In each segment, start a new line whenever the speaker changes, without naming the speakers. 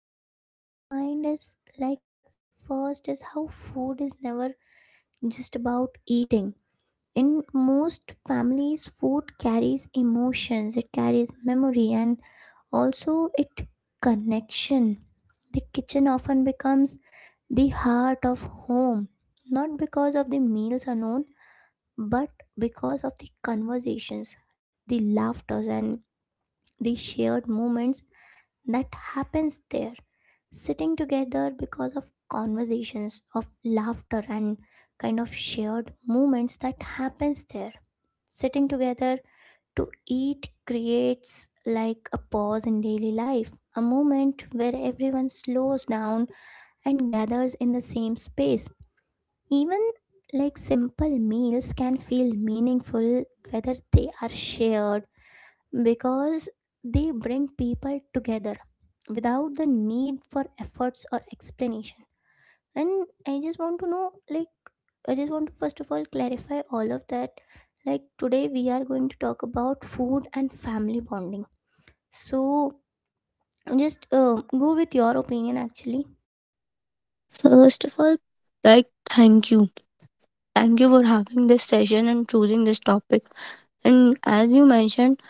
what comes to my mind is like first is how food is never just about eating. In most families, food carries emotions, it carries memory, and also it connection. The kitchen often becomes the heart of home, not because of the meals alone, but because of the conversations, the laughters, and the shared moments that happens there, sitting together because of conversations, of laughter, and kind of shared moments that happens there. Sitting together to eat creates like a pause in daily life, a moment where everyone slows down and gathers in the same space. Even like simple meals can feel meaningful whether they are shared because they bring people together without the need for efforts or explanation. And I just want to first of all clarify all of that. Like, today we are going to talk about food and family bonding, so just go with your opinion actually.
First of all, like thank you. Thank you for having this session and choosing this topic. And as you mentioned,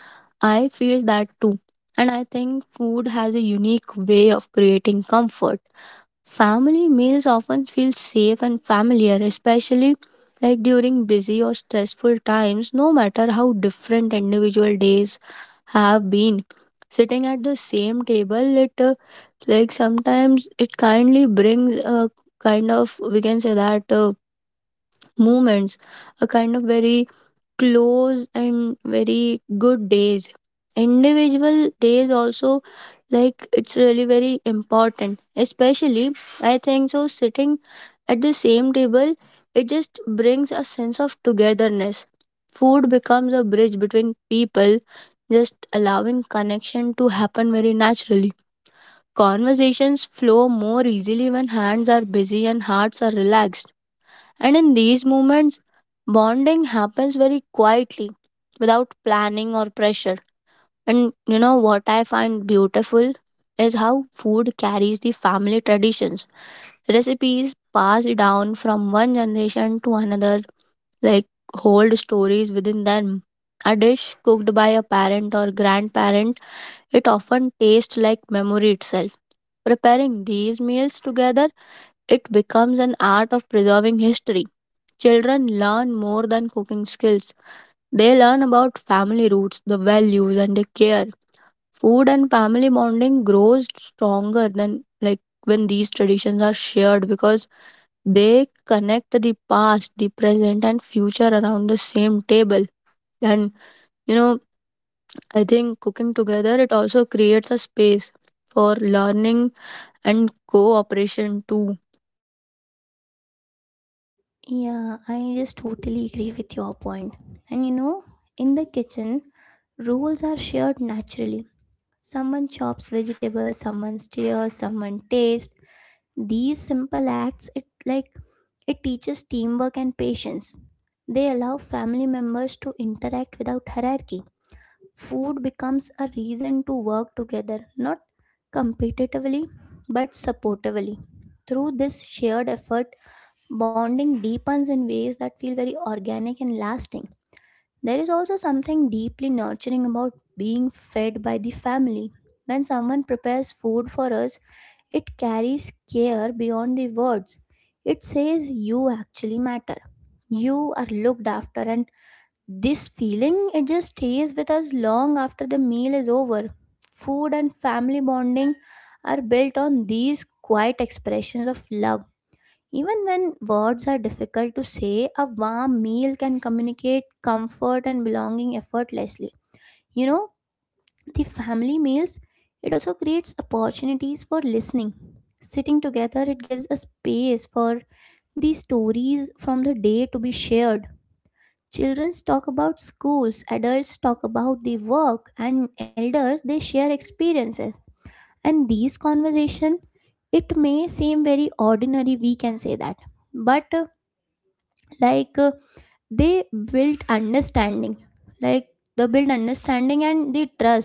I feel that too. And I think food has a unique way of creating comfort. Family meals often feel safe and familiar, especially like during busy or stressful times, no matter how different individual days have been. Sitting at the same table, it like sometimes it kindly brings a kind of, we can say that, moments, a kind of very close and very good days, individual days also, like it's really very important, especially I think, so sitting at the same table, it just brings a sense of togetherness. Food becomes a bridge between people, just allowing connection to happen very naturally. Conversations flow more easily when hands are busy and hearts are relaxed, and in these moments, bonding happens very quietly, without planning or pressure. And you know what I find beautiful is how food carries the family traditions. Recipes passed down from one generation to another, like, hold stories within them. A dish cooked by a parent or grandparent, it often tastes like memory itself. Preparing these meals together, it becomes an art of preserving history. Children learn more than cooking skills. They learn about family roots, the values, and the care. Food and family bonding grows stronger than like when these traditions are shared, because they connect the past, the present, and future around the same table. And you know, I think cooking together it also creates a space for learning and cooperation too.
Yeah, I just totally agree with your point. And you know, in the kitchen, rules are shared naturally. Someone chops vegetables, someone stirs, someone tastes. These simple acts it like it teaches teamwork and patience. They allow family members to interact without hierarchy. Food becomes a reason to work together, not competitively but supportively. Through this shared effort, bonding deepens in ways that feel very organic and lasting. There is also something deeply nurturing about being fed by the family. When someone prepares food for us, it carries care beyond the words. It says you actually matter. You are looked after, and this feeling it just stays with us long after the meal is over. Food and family bonding are built on these quiet expressions of love. Even when words are difficult to say, a warm meal can communicate comfort and belonging effortlessly. You know, the family meals, it also creates opportunities for listening. Sitting together, it gives a space for the stories from the day to be shared. Children talk about schools, adults talk about the work, and elders they share experiences. And these conversation, it may seem very ordinary, we can say that, but like uh, they built understanding like they build understanding and the trust.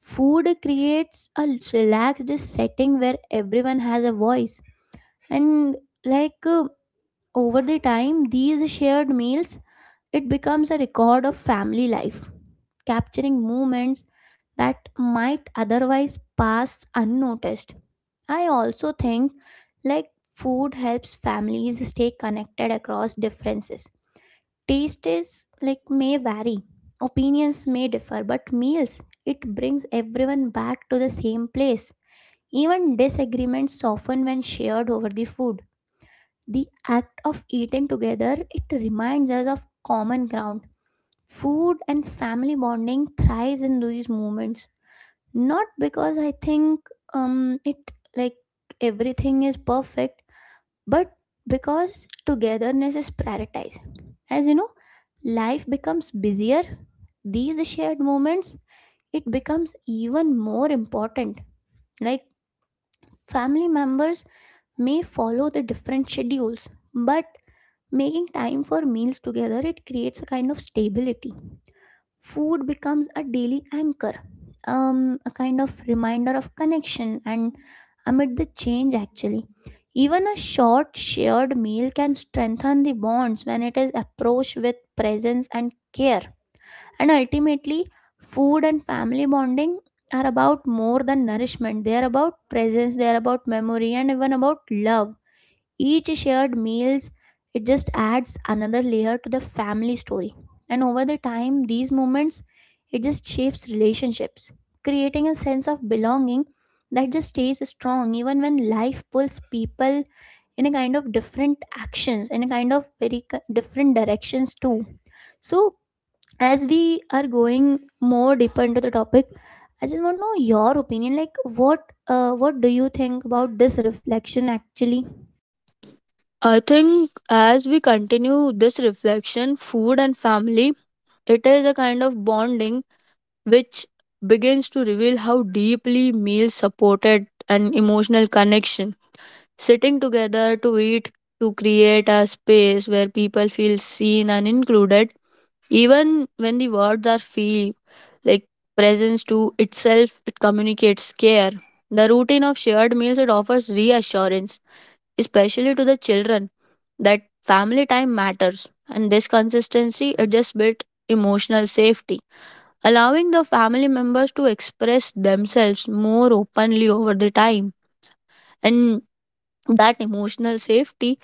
Food creates a relaxed setting where everyone has a voice, and like uh, over the time these shared meals it becomes a record of family life, capturing moments that might otherwise pass unnoticed. I also think like food helps families stay connected across differences. Taste is like may vary, opinions may differ, but meals, it brings everyone back to the same place. Even disagreements soften when shared over the food. The act of eating together, it reminds us of common ground. Food and family bonding thrives in these moments. Not because I think it like everything is perfect, but because togetherness is prioritized. As you know, life becomes busier, these shared moments it becomes even more important. Like, family members may follow the different schedules, but making time for meals together it creates a kind of stability. Food becomes a daily anchor, a kind of reminder of connection and amid the change, actually. Even a short shared meal can strengthen the bonds when it is approached with presence and care. And ultimately, food and family bonding are about more than nourishment, they are about presence, they are about memory, and even about love. Each shared meals, it just adds another layer to the family story. And over the time, these moments, it just shapes relationships, creating a sense of belonging that just stays strong even when life pulls people in a kind of different actions, in a kind of very different directions too. So, as we are going more deeper into the topic, I just want to know your opinion. Like, what do you think about this reflection actually?
I think as we continue this reflection, food and family, it is a kind of bonding which begins to reveal how deeply meals supported an emotional connection. Sitting together to eat, to create a space where people feel seen and included, even when the words are few, like presence to itself, it communicates care. The routine of shared meals it offers reassurance, especially to the children, that family time matters, and this consistency it just built emotional safety, allowing the family members to express themselves more openly over the time. And that emotional safety,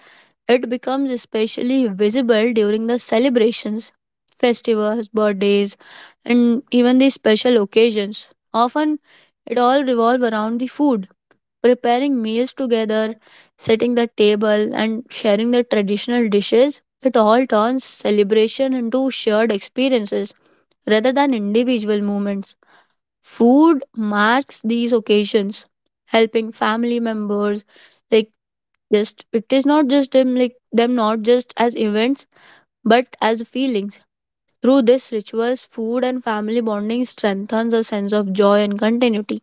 it becomes especially visible during the celebrations, festivals, birthdays, and even the special occasions, often it all revolves around the food. Preparing meals together, setting the table, and sharing the traditional dishes, it all turns celebration into shared experiences rather than individual moments. Food marks these occasions, helping family members, like, just it is not just them like them, not just as events but as feelings. Through this rituals, food and family bonding strengthens a sense of joy and continuity.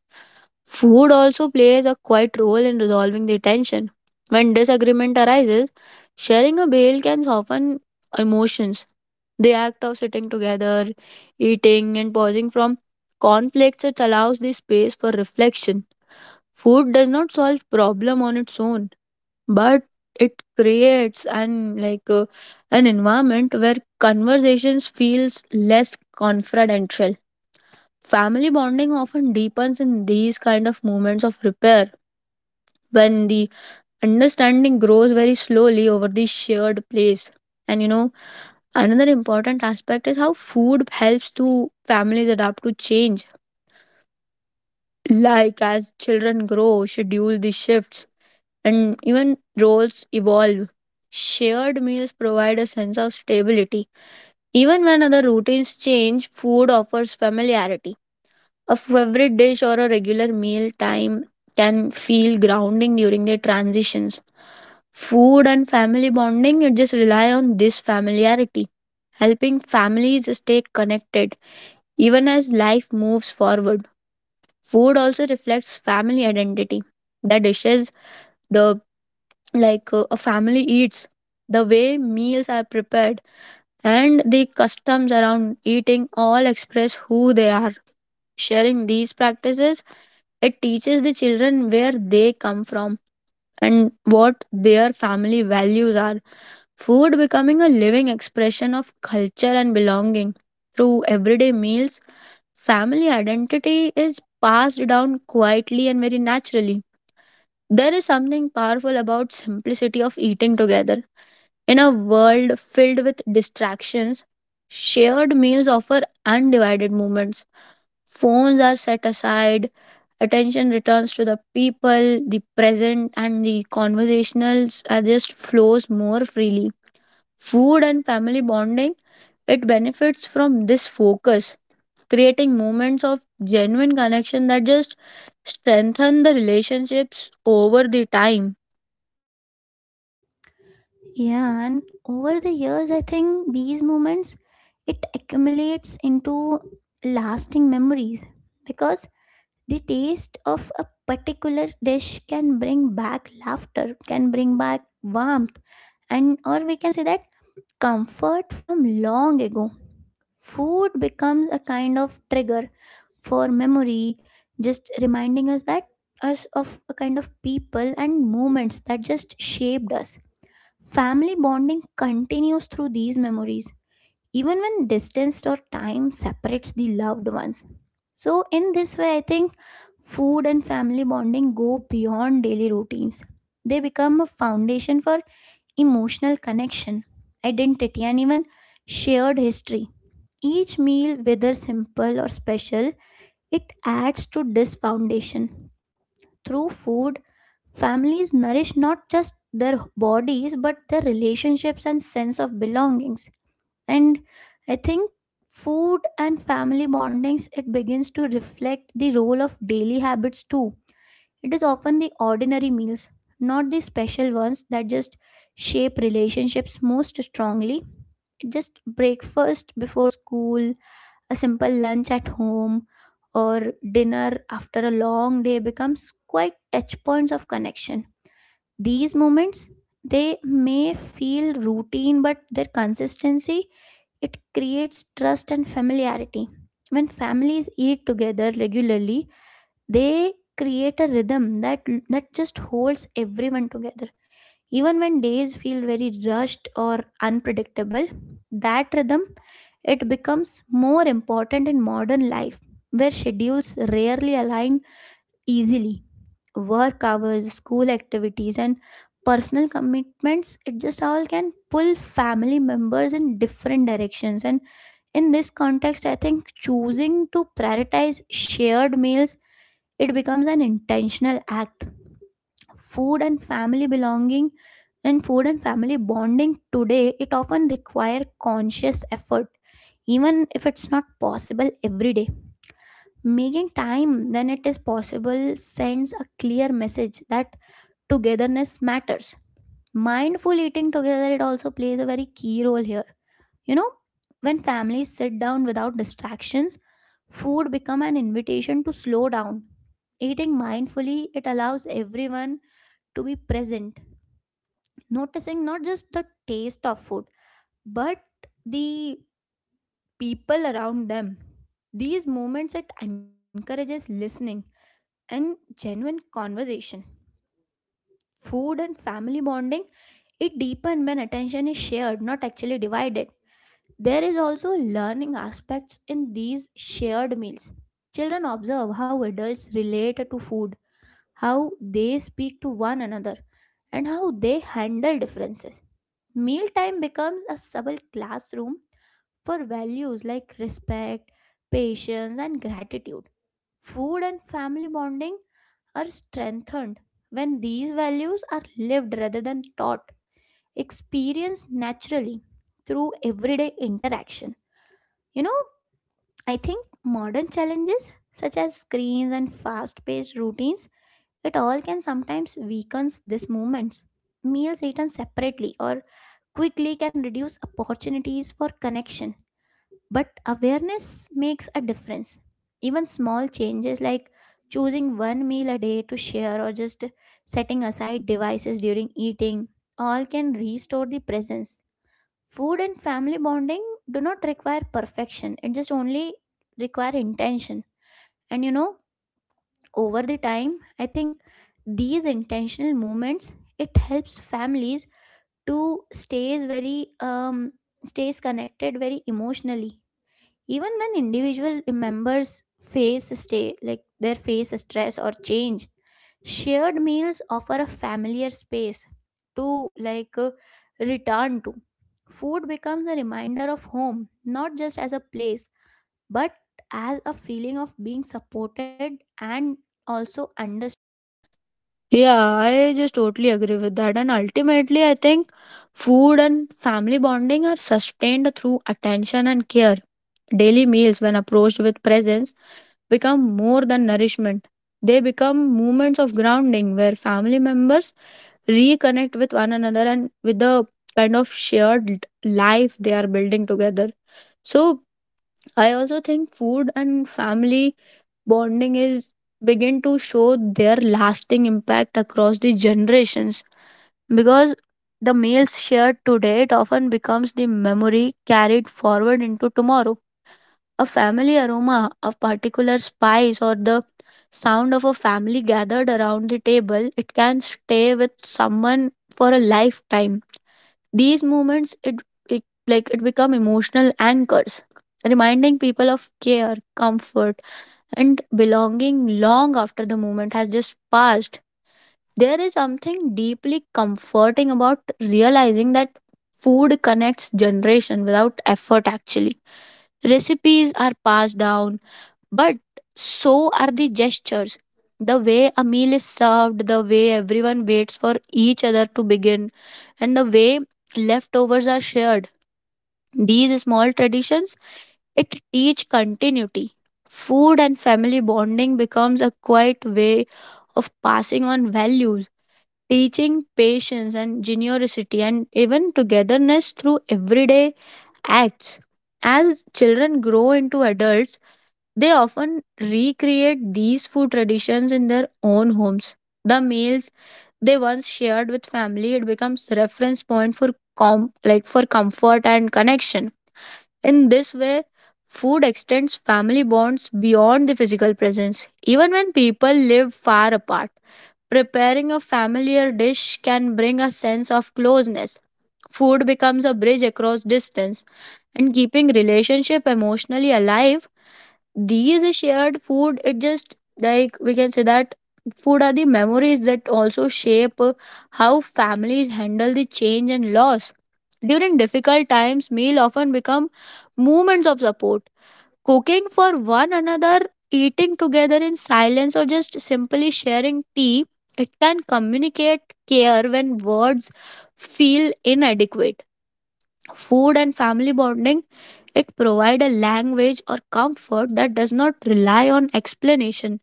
Food also plays a quiet role in resolving the tension. When disagreement arises, sharing a meal can soften emotions. The act of sitting together, eating, and pausing from conflicts, it allows the space for reflection. Food does not solve problem on its own, but it creates an environment where conversations feels less confidential. Family bonding often deepens in these kind of moments of repair, when the understanding grows very slowly over the shared place. And you know, another important aspect is how food helps to families adapt to change. Like as children grow, schedule the shifts, and even roles evolve. Shared meals provide a sense of stability. Even when other routines change, food offers familiarity. A favorite dish or a regular meal time can feel grounding during their transitions. Food and family bonding it just rely on this familiarity, helping families stay connected. Even as life moves forward, food also reflects family identity. The dishes, the like a family eats, the way meals are prepared, and the customs around eating all express who they are. Sharing these practices, it teaches the children where they come from and what their family values are. Food becoming a living expression of culture and belonging. Through everyday meals, family identity is passed down quietly and very naturally. There is something powerful about simplicity of eating together. In a world filled with distractions, shared meals offer undivided moments. Phones are set aside, attention returns to the people, the present, and the conversationals are just flows more freely. Food and family bonding, it benefits from this focus, creating moments of genuine connection that just strengthen the relationships over the time.
Yeah, and over the years, I think these moments it accumulates into lasting memories, because the taste of a particular dish can bring back laughter, can bring back warmth, and or we can say that comfort from long ago. Food becomes a kind of trigger for memory, just reminding us of a kind of people and moments that just shaped us. Family bonding continues through these memories, even when distance or time separates the loved ones. So, in this way, I think food and family bonding go beyond daily routines. They become a foundation for emotional connection, identity, and even shared history. Each meal, whether simple or special, it adds to this foundation. Through food, families nourish not just their bodies but their relationships and sense of belongings. And I think food and family bondings it begins to reflect the role of daily habits too. It is often the ordinary meals, not the special ones, that just shape relationships most strongly. Just breakfast before school, a simple lunch at home, or dinner after a long day becomes quite touch points of connection. These moments they may feel routine, but their consistency it creates trust and familiarity. When families eat together regularly, they create a rhythm that just holds everyone together. Even when days feel very rushed or unpredictable, that rhythm it becomes more important in modern life where schedules rarely align easily. Work hours, school activities, and personal commitments, it just all can pull family members in different directions. And in this context, I think choosing to prioritize shared meals, it becomes an intentional act. Food and family belonging and food and family bonding today, it often require conscious effort, even if it's not possible every day. Making time when it is possible sends a clear message that togetherness matters. Mindful eating together, it also plays a very key role here. You know, when families sit down without distractions, food become an invitation to slow down. Eating mindfully, it allows everyone to be present, noticing not just the taste of food, but the people around them. These moments, it encourages listening and genuine conversation. Food and family bonding, it deepens when attention is shared, not actually divided. There is also learning aspects in these shared meals. Children observe how adults relate to food, how they speak to one another, and how they handle differences. Mealtime becomes a subtle classroom for values like respect, patience, and gratitude. Food and family bonding are strengthened when these values are lived rather than taught, experienced naturally through everyday interaction. You know, I think modern challenges such as screens and fast-paced routines, it all can sometimes weakens these movements. Meals eaten separately or quickly can reduce opportunities for connection, but awareness makes a difference. Even small changes like choosing one meal a day to share or just setting aside devices during eating all can restore the presence. Food and family bonding do not require perfection, it just only require intention. And you know, over the time, I think these intentional movements it helps families to stays connected very emotionally. Even when individual members face stay like their face stress or change, shared meals offer a familiar space to return to. Food becomes a reminder of home, not just as a place, but as a feeling of being supported and also understood.
Yeah, I just totally agree with that. And ultimately, I think food and family bonding are sustained through attention and care. Daily meals, when approached with presence, become more than nourishment. They become moments of grounding where family members reconnect with one another and with the kind of shared life they are building together. So, I also think food and family bonding is begin to show their lasting impact across the generations, because the meals shared today it often becomes the memory carried forward into tomorrow. A family aroma, a particular spice, or the sound of a family gathered around the table, it can stay with someone for a lifetime. These moments it become emotional anchors, reminding people of care, comfort, and belonging long after the moment has just passed. There is something deeply comforting about realizing that food connects generation without effort actually. Recipes are passed down, but so are the gestures. The way a meal is served, the way everyone waits for each other to begin, and the way leftovers are shared, these small traditions it teach continuity. Food and family bonding becomes a quiet way of passing on values, teaching patience and generosity and even togetherness through everyday acts. As children grow into adults, they often recreate these food traditions in their own homes. The meals they once shared with family it becomes reference point for for comfort and connection. In this way, food extends family bonds beyond the physical presence, even when people live far apart. Preparing a familiar dish can bring a sense of closeness. Food becomes a bridge across distance, and keeping relationship emotionally alive, these shared food it just, like we can say that, food are the memories that also shape how families handle the change and loss. During difficult times, meal often become moments of support. Cooking for one another, eating together in silence or just simply sharing tea, it can communicate care when words feel inadequate. Food and family bonding, it provides a language or comfort that does not rely on explanation.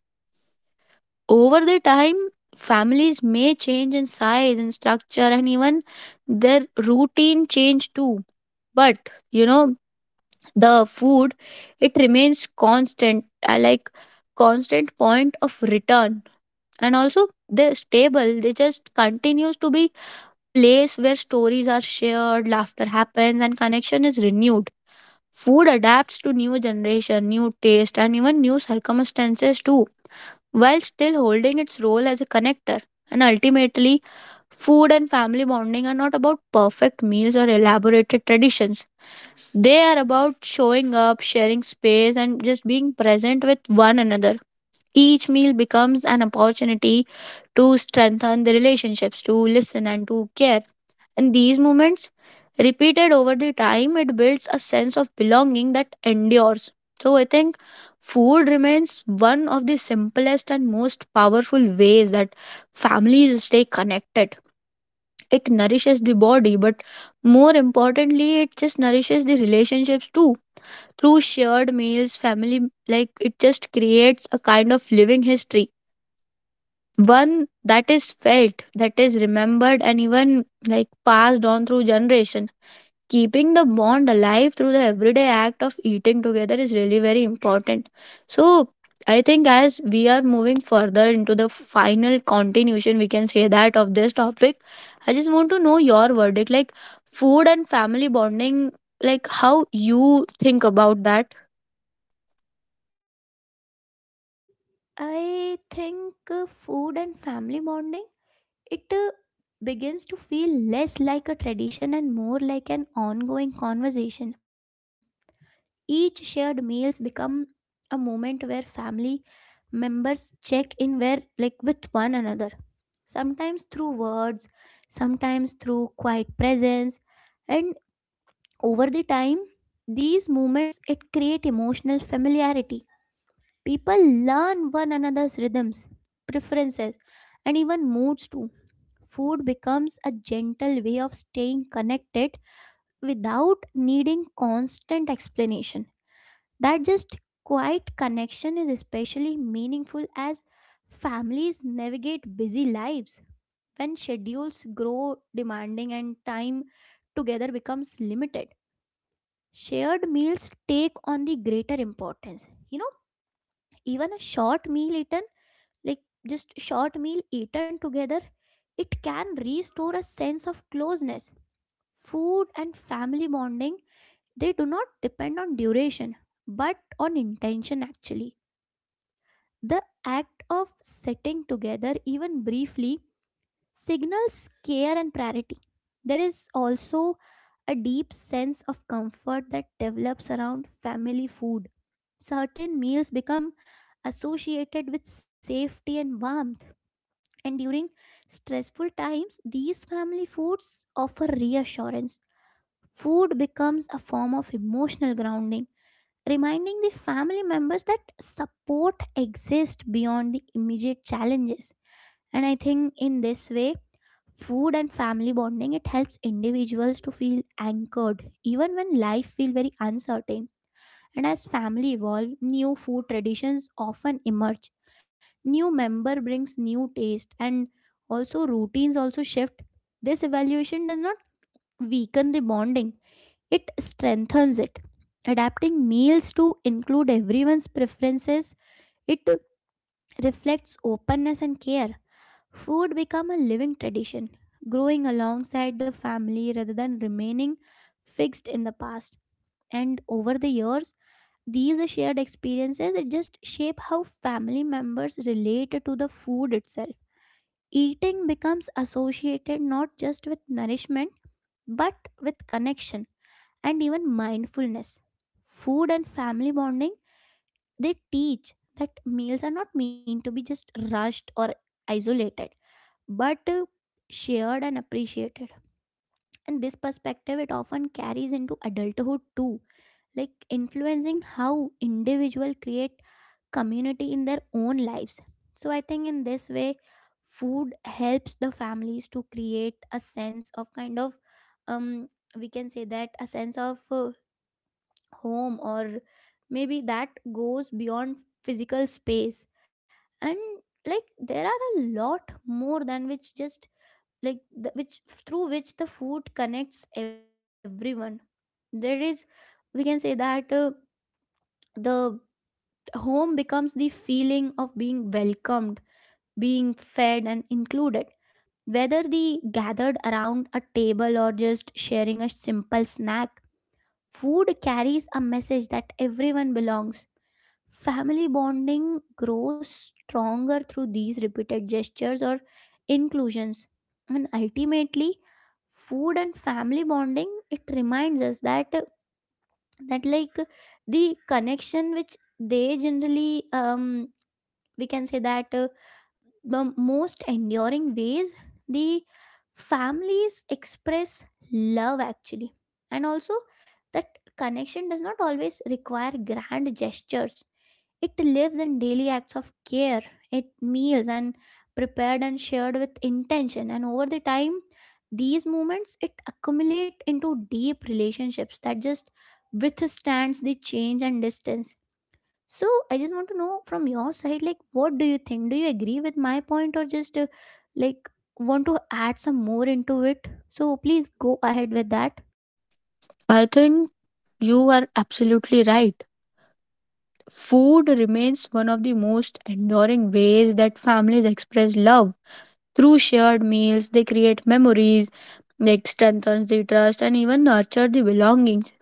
Over the time, families may change in size and structure and even their routine change too. But you know, the food it remains constant, constant point of return, and also the are stable, they just continues to be place where stories are shared, laughter happens, and connection is renewed. Food adapts to new generation, new taste, and even new circumstances too, while still holding its role as a connector. And ultimately, food and family bonding are not about perfect meals or elaborated traditions. They are about showing up, sharing space, and just being present with one another. Each meal becomes an opportunity to strengthen the relationships, to listen, and to care, and these moments, repeated over the time, it builds a sense of belonging that endures. So I think food remains one of the simplest and most powerful ways that families stay connected. It nourishes the body, but more importantly, it just nourishes the relationships too. Through shared meals, family, like it just creates a kind of living history. One that is felt, that is remembered, and even like passed on through generation, keeping the bond alive through the everyday act of eating together is really very important. So I think as we are moving further into the final continuation, we can say that, of this topic, I just want to know your verdict, like food and family bonding, like how you think about that.
I think food and family bonding it begins to feel less like a tradition and more like an ongoing conversation. Each shared meals become a moment where family members check in where like with one another, sometimes through words, sometimes through quiet presence. And over the time these moments it create emotional familiarity. People learn one another's rhythms, preferences, and even moods too. Food becomes a gentle way of staying connected without needing constant explanation. That just quiet connection is especially meaningful as families navigate busy lives. When schedules grow demanding and time together becomes limited, shared meals take on the greater importance. You know, even a short meal eaten, like just short meal eaten together, it can restore a sense of closeness. Food and family bonding, they do not depend on duration but on intention actually. The act of sitting together, even briefly, signals care and priority. There is also a deep sense of comfort that develops around family food. Certain meals become associated with safety and warmth, and during stressful times, these family foods offer reassurance. Food becomes a form of emotional grounding, reminding the family members that support exists beyond the immediate challenges. And I think in this way, food and family bonding it helps individuals to feel anchored even when life feels very uncertain. And as family evolve, new food traditions often emerge. New member brings new taste, and also routines also shift. This evaluation does not weaken the bonding, it strengthens it. Adapting meals to include everyone's preferences, it reflects openness and care. Food become a living tradition, growing alongside the family rather than remaining fixed in the past. And over the years, these shared experiences it just shape how family members relate to the food itself. Eating becomes associated not just with nourishment but with connection and even mindfulness. Food and family bonding, they teach that meals are not meant to be just rushed or isolated, but shared and appreciated. And this perspective, it often carries into adulthood too, like influencing how individual create community in their own lives. So I think in this way, food helps the families to create a sense of kind of um, we can say that a sense of home, or maybe that goes beyond physical space, and like there are a lot more than which just like which through which the food connects everyone. There is, we can say that the home becomes the feeling of being welcomed, being fed and included. Whether the gathered around a table or just sharing a simple snack, food carries a message that everyone belongs. Family bonding grows stronger through these repeated gestures or inclusions. And ultimately, food and family bonding it reminds us that that like the connection which they generally we can say that the most enduring ways the families express love actually, and also that connection does not always require grand gestures. It lives in daily acts of care, it meals and prepared and shared with intention, and over the time these moments it accumulate into deep relationships that just withstands the change and distance. So I just want to know from your side, like, what do you think? Do you agree with my point, or just like want to add some more into it? So please go ahead with that.
I think you are absolutely right. Food remains one of the most enduring ways that families express love. Through shared meals, they create memories, like strengthens the trust and even nurture the belongings.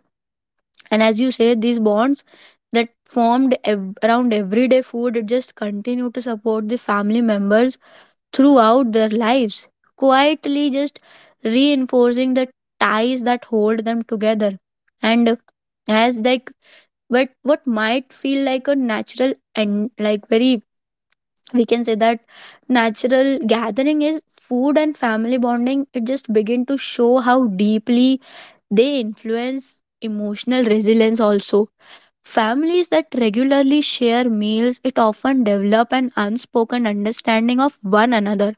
And as you say, these bonds that formed around everyday food it just continue to support the family members throughout their lives, quietly just reinforcing the ties that hold them together. And as like, but what might feel like a natural and like very, we can say that, natural gathering is food and family bonding, it just begin to show how deeply they influence emotional resilience also. Families that regularly share meals it often develop an unspoken understanding of one another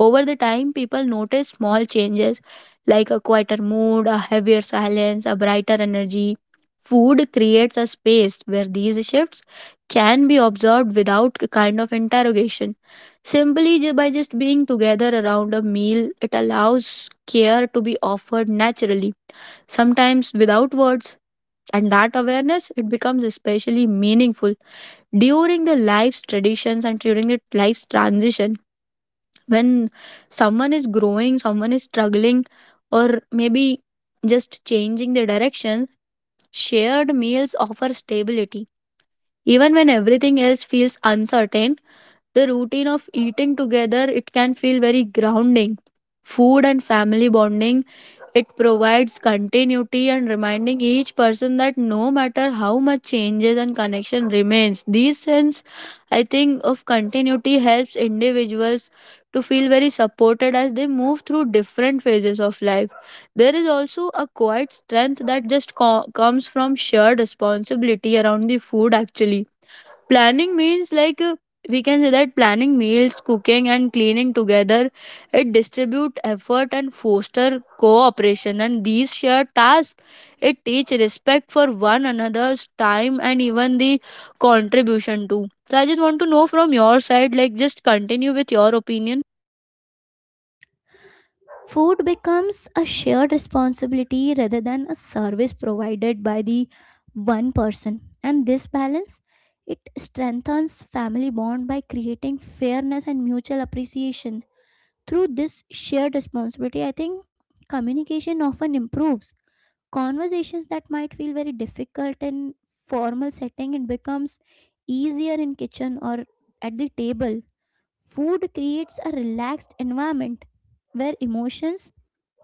over the time. People notice small changes, like a quieter mood, a heavier silence, a brighter energy. Food creates a space where these shifts can be observed without a kind of interrogation. Simply by just being together around a meal, it allows care to be offered naturally, sometimes without words. And that awareness, it becomes especially meaningful during the life's traditions and during the life's transition. When someone is growing, someone is struggling, or maybe just changing their direction, shared meals offer stability. Even when everything else feels uncertain, the routine of eating together it can feel very grounding. Food and family bonding it provides continuity and reminding each person that no matter how much changes and connection remains, this sense, I think, of continuity helps individuals to feel very supported as they move through different phases of life. There is also a quiet strength that comes from shared responsibility around the food, actually. Planning means like We can say that planning meals, cooking, and cleaning together, it distribute effort and foster cooperation. And these shared tasks, it teach respect for one another's time and even the contribution too. So I just want to know from your side, like just continue with your opinion.
Food becomes a shared responsibility rather than a service provided by the one person. And this balance it strengthens family bond by creating fairness and mutual appreciation. Through this shared responsibility, I think communication often improves. Conversations that might feel very difficult in formal setting it becomes easier in kitchen or at the table. Food creates a relaxed environment where emotions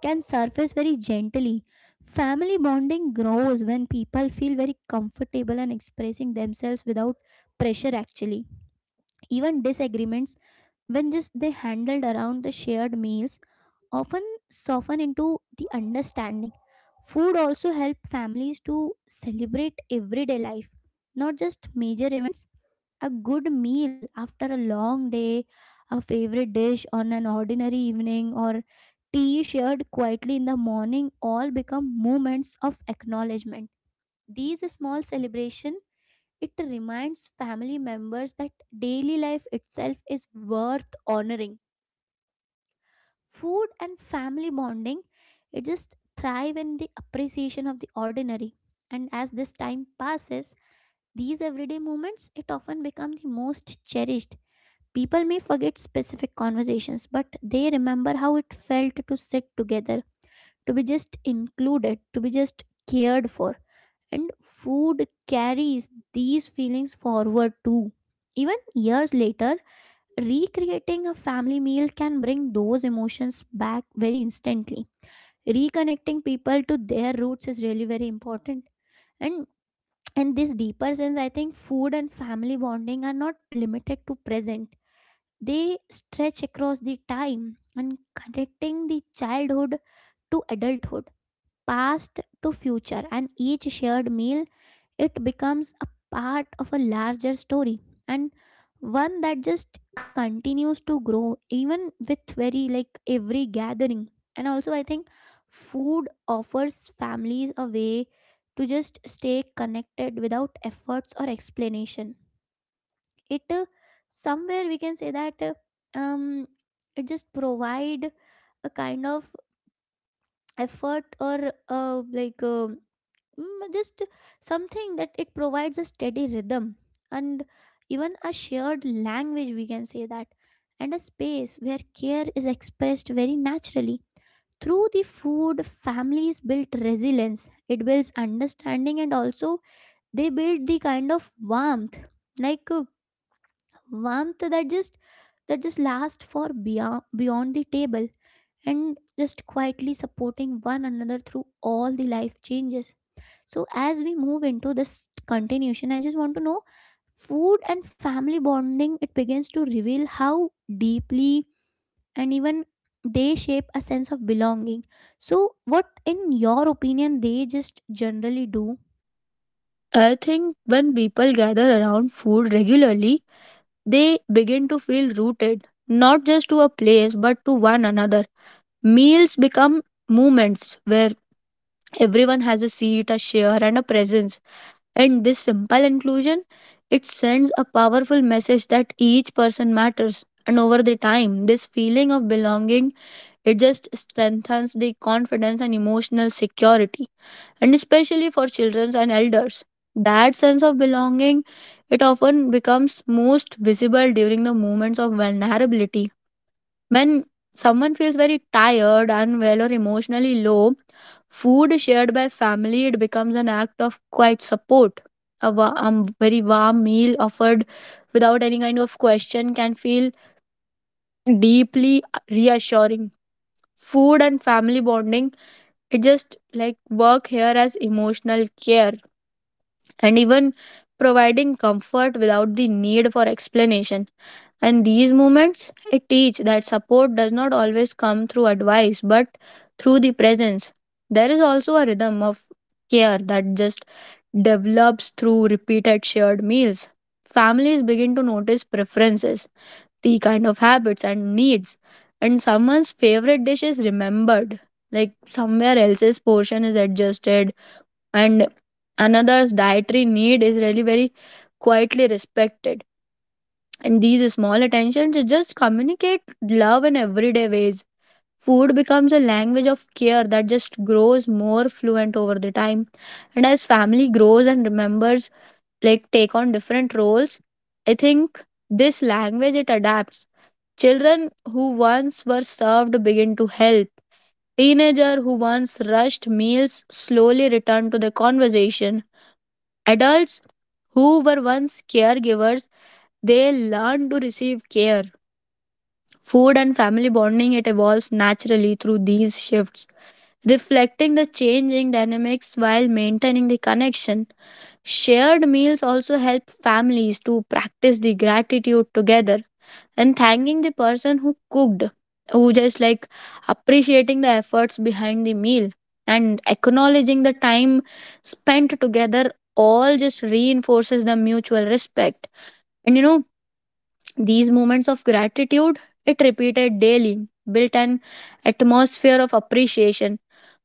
can surface very gently. Family bonding grows when people feel very comfortable and expressing themselves without pressure actually. Even disagreements, when just they handled around the shared meals, often soften into the understanding. Food also help families to celebrate everyday life, not just major events. A good meal after a long day, a favorite dish on an ordinary evening, or tea shared quietly in the morning all become moments of acknowledgement. These small celebration it reminds family members that daily life itself is worth honoring. Food and family bonding, it just thrive in the appreciation of the ordinary. And as this time passes, these everyday moments it often become the most cherished. People may forget specific conversations, but they remember how it felt to sit together, to be just included, to be just cared for. And food carries these feelings forward too. Even years later, recreating a family meal can bring those emotions back very instantly, reconnecting people to their roots is really very important. And in this deeper sense I think food and family bonding are not limited to present. They stretch across the time and connecting the childhood to adulthood, past to future, and each shared meal it becomes a part of a larger story, and one that just continues to grow even with very like every gathering. And also, I think food offers families a way to just stay connected without efforts or explanation. It somewhere we can say that um, it just provide a kind of effort or just something that it provides a steady rhythm, and even a shared language we can say that, and a space where care is expressed very naturally. Through the food families build resilience, it builds understanding, and also they build the kind of warmth, like uh, warmth that just lasts for beyond the table, and just quietly supporting one another through all the life changes. So, as we move into this continuation, I just want to know food and family bonding, it begins to reveal how deeply and even they shape a sense of belonging. So, what, in your opinion, they just generally do?
I think when people gather around food regularly, they begin to feel rooted, not just to a place but to one another. Meals become moments where everyone has a seat, a share, and a presence. And this simple inclusion, it sends a powerful message that each person matters. And over the time, this feeling of belonging, it just strengthens the confidence and emotional security. And especially for children and elders. That sense of belonging, it often becomes most visible during the moments of vulnerability when someone feels very tired, unwell, or emotionally low, food shared by family it becomes an act of quiet support. A very warm meal offered without any kind of question can feel deeply reassuring. Food and family bonding it just like work here as emotional care and even providing comfort without the need for explanation. And these moments, it teach that support does not always come through advice, but through the presence. There is also a rhythm of care that just develops through repeated shared meals. Families begin to notice preferences, the kind of habits and needs, and someone's favorite dish is remembered. Like somewhere else's portion is adjusted, and another's dietary need is really very quietly respected, and these small attentions just communicate love in everyday ways. Food becomes a language of care that just grows more fluent over the time. And as family grows and remembers, like take on different roles, I think this language it adapts. Children who once were served begin to help. Teenager who once rushed meals slowly return to the conversation. Adults who were once caregivers, they learn to receive care. Food and family bonding it evolves naturally through these shifts, reflecting the changing dynamics while maintaining the connection. Shared meals also help families to practice the gratitude together, and thanking the person who cooked, who just like appreciating the efforts behind the meal and acknowledging the time spent together, all just reinforces the mutual respect. And you know, these moments of gratitude, it repeated daily, built an atmosphere of appreciation.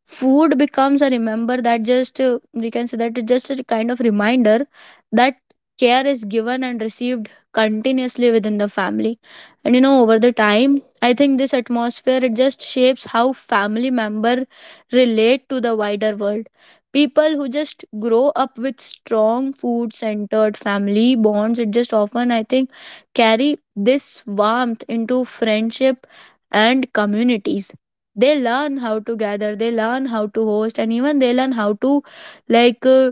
Food becomes a remember that just we can say that it's just a kind of reminder that care is given and received continuously within the family. And you know, over the time I think this atmosphere it just shapes how family member relate to the wider world. People who just grow up with strong food centered family bonds, it just often I think carry this warmth into friendship and communities. They learn how to gather, they learn how to host, and even they learn how to like uh,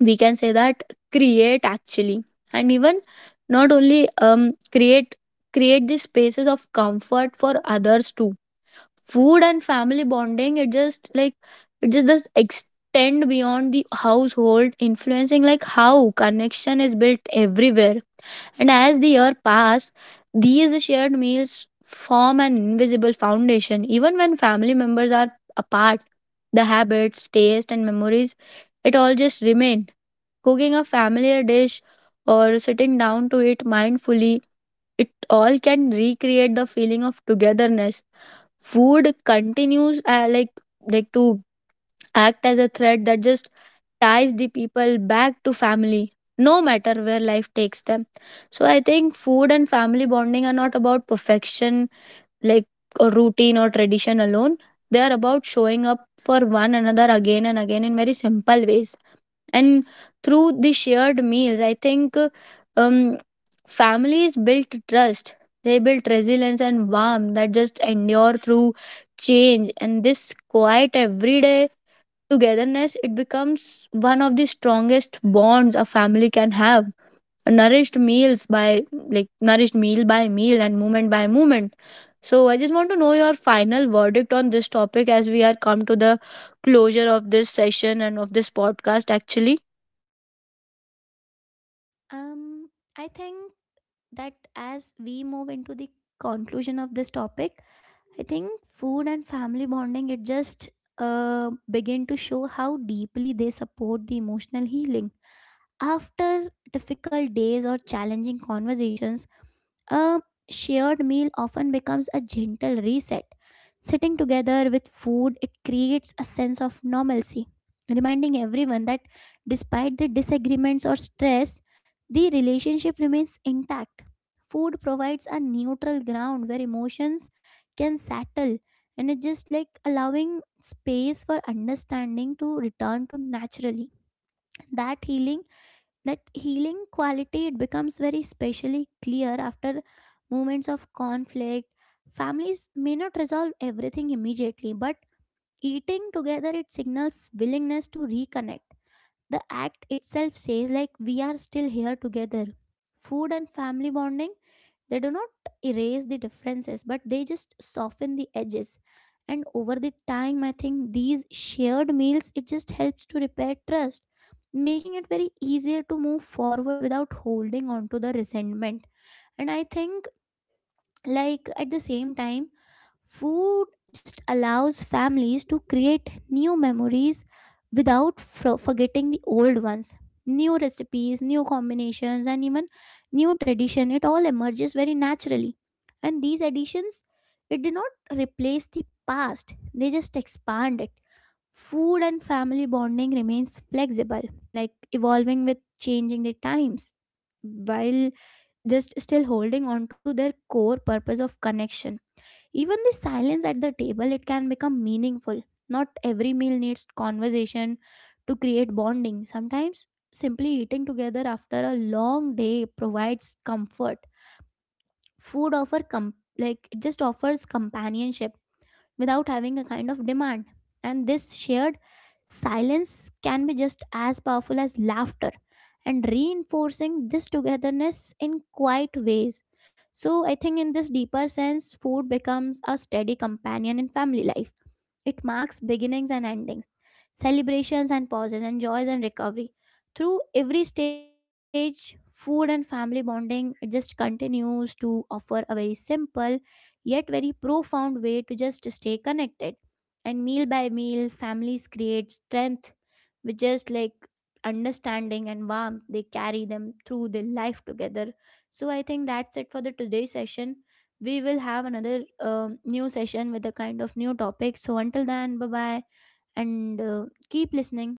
we can say that create actually, and even not only create these spaces of comfort for others too. Food and family bonding it just like it just does extend beyond the household, influencing like how connection is built everywhere. And as the year pass, these shared meals form an invisible foundation. Even when family members are apart, the habits, taste, and memories, it all just remain. Cooking a familiar dish or sitting down to it mindfully, it all can recreate the feeling of togetherness. Food continues to act as a thread that just ties the people back to family no matter where life takes them. So I think food and family bonding are not about perfection, like a routine or tradition alone. They are about showing up for one another again and again in very simple ways. And through the shared meals I think um, families built trust, they built resilience and warmth that just endure through change. And this quiet everyday togetherness, it becomes one of the strongest bonds a family can have. Nourished meals by nourished meal by meal and moment by moment. So I just want to know your final verdict on this topic as we are come to the closure of this session and of this podcast actually.
Um, I think that as we move into the conclusion of this topic, I think food and family bonding, it just begin to show how deeply they support the emotional healing. After difficult days or challenging conversations, a shared meal often becomes a gentle reset. Sitting together with food, it creates a sense of normalcy, reminding everyone that despite the disagreements or stress, the relationship remains intact. Food provides a neutral ground where emotions can settle, and it's just like allowing space for understanding to return to naturally. That healing that healing quality it becomes very specially clear after moments of conflict. Families may not resolve everything immediately, but eating together it signals willingness to reconnect. The act itself says like we are still here together. Food and family bonding, they do not erase the differences, but they just soften the edges. And over the time, I think these shared meals it just helps to repair trust, making it very easier to move forward without holding on to the resentment. And I think like at the same time food just allows families to create new memories without forgetting the old ones. New recipes, new combinations, and even new tradition it all emerges very naturally, and these additions it did not replace the past, they just expand it. Food and family bonding remains flexible, like evolving with changing the times, while just still holding on to their core purpose of connection. Even the silence at the table, it can become meaningful. Not every meal needs conversation to create bonding. Sometimes simply eating together after a long day provides comfort. Food like it just offers companionship without having a kind of demand. And this shared silence can be just as powerful as laughter, and reinforcing this togetherness in quiet ways. So, I think in this deeper sense, food becomes a steady companion in family life. It marks beginnings and endings, celebrations and pauses, and joys and recovery. Through every stage food and family bonding it just continues to offer a very simple yet very profound way to just stay connected, and meal by meal families create strength with just like understanding and warmth they carry them through their life together. So I think that's it for the today's session. We will have another new session with a kind of new topic, so until then, bye bye and keep listening.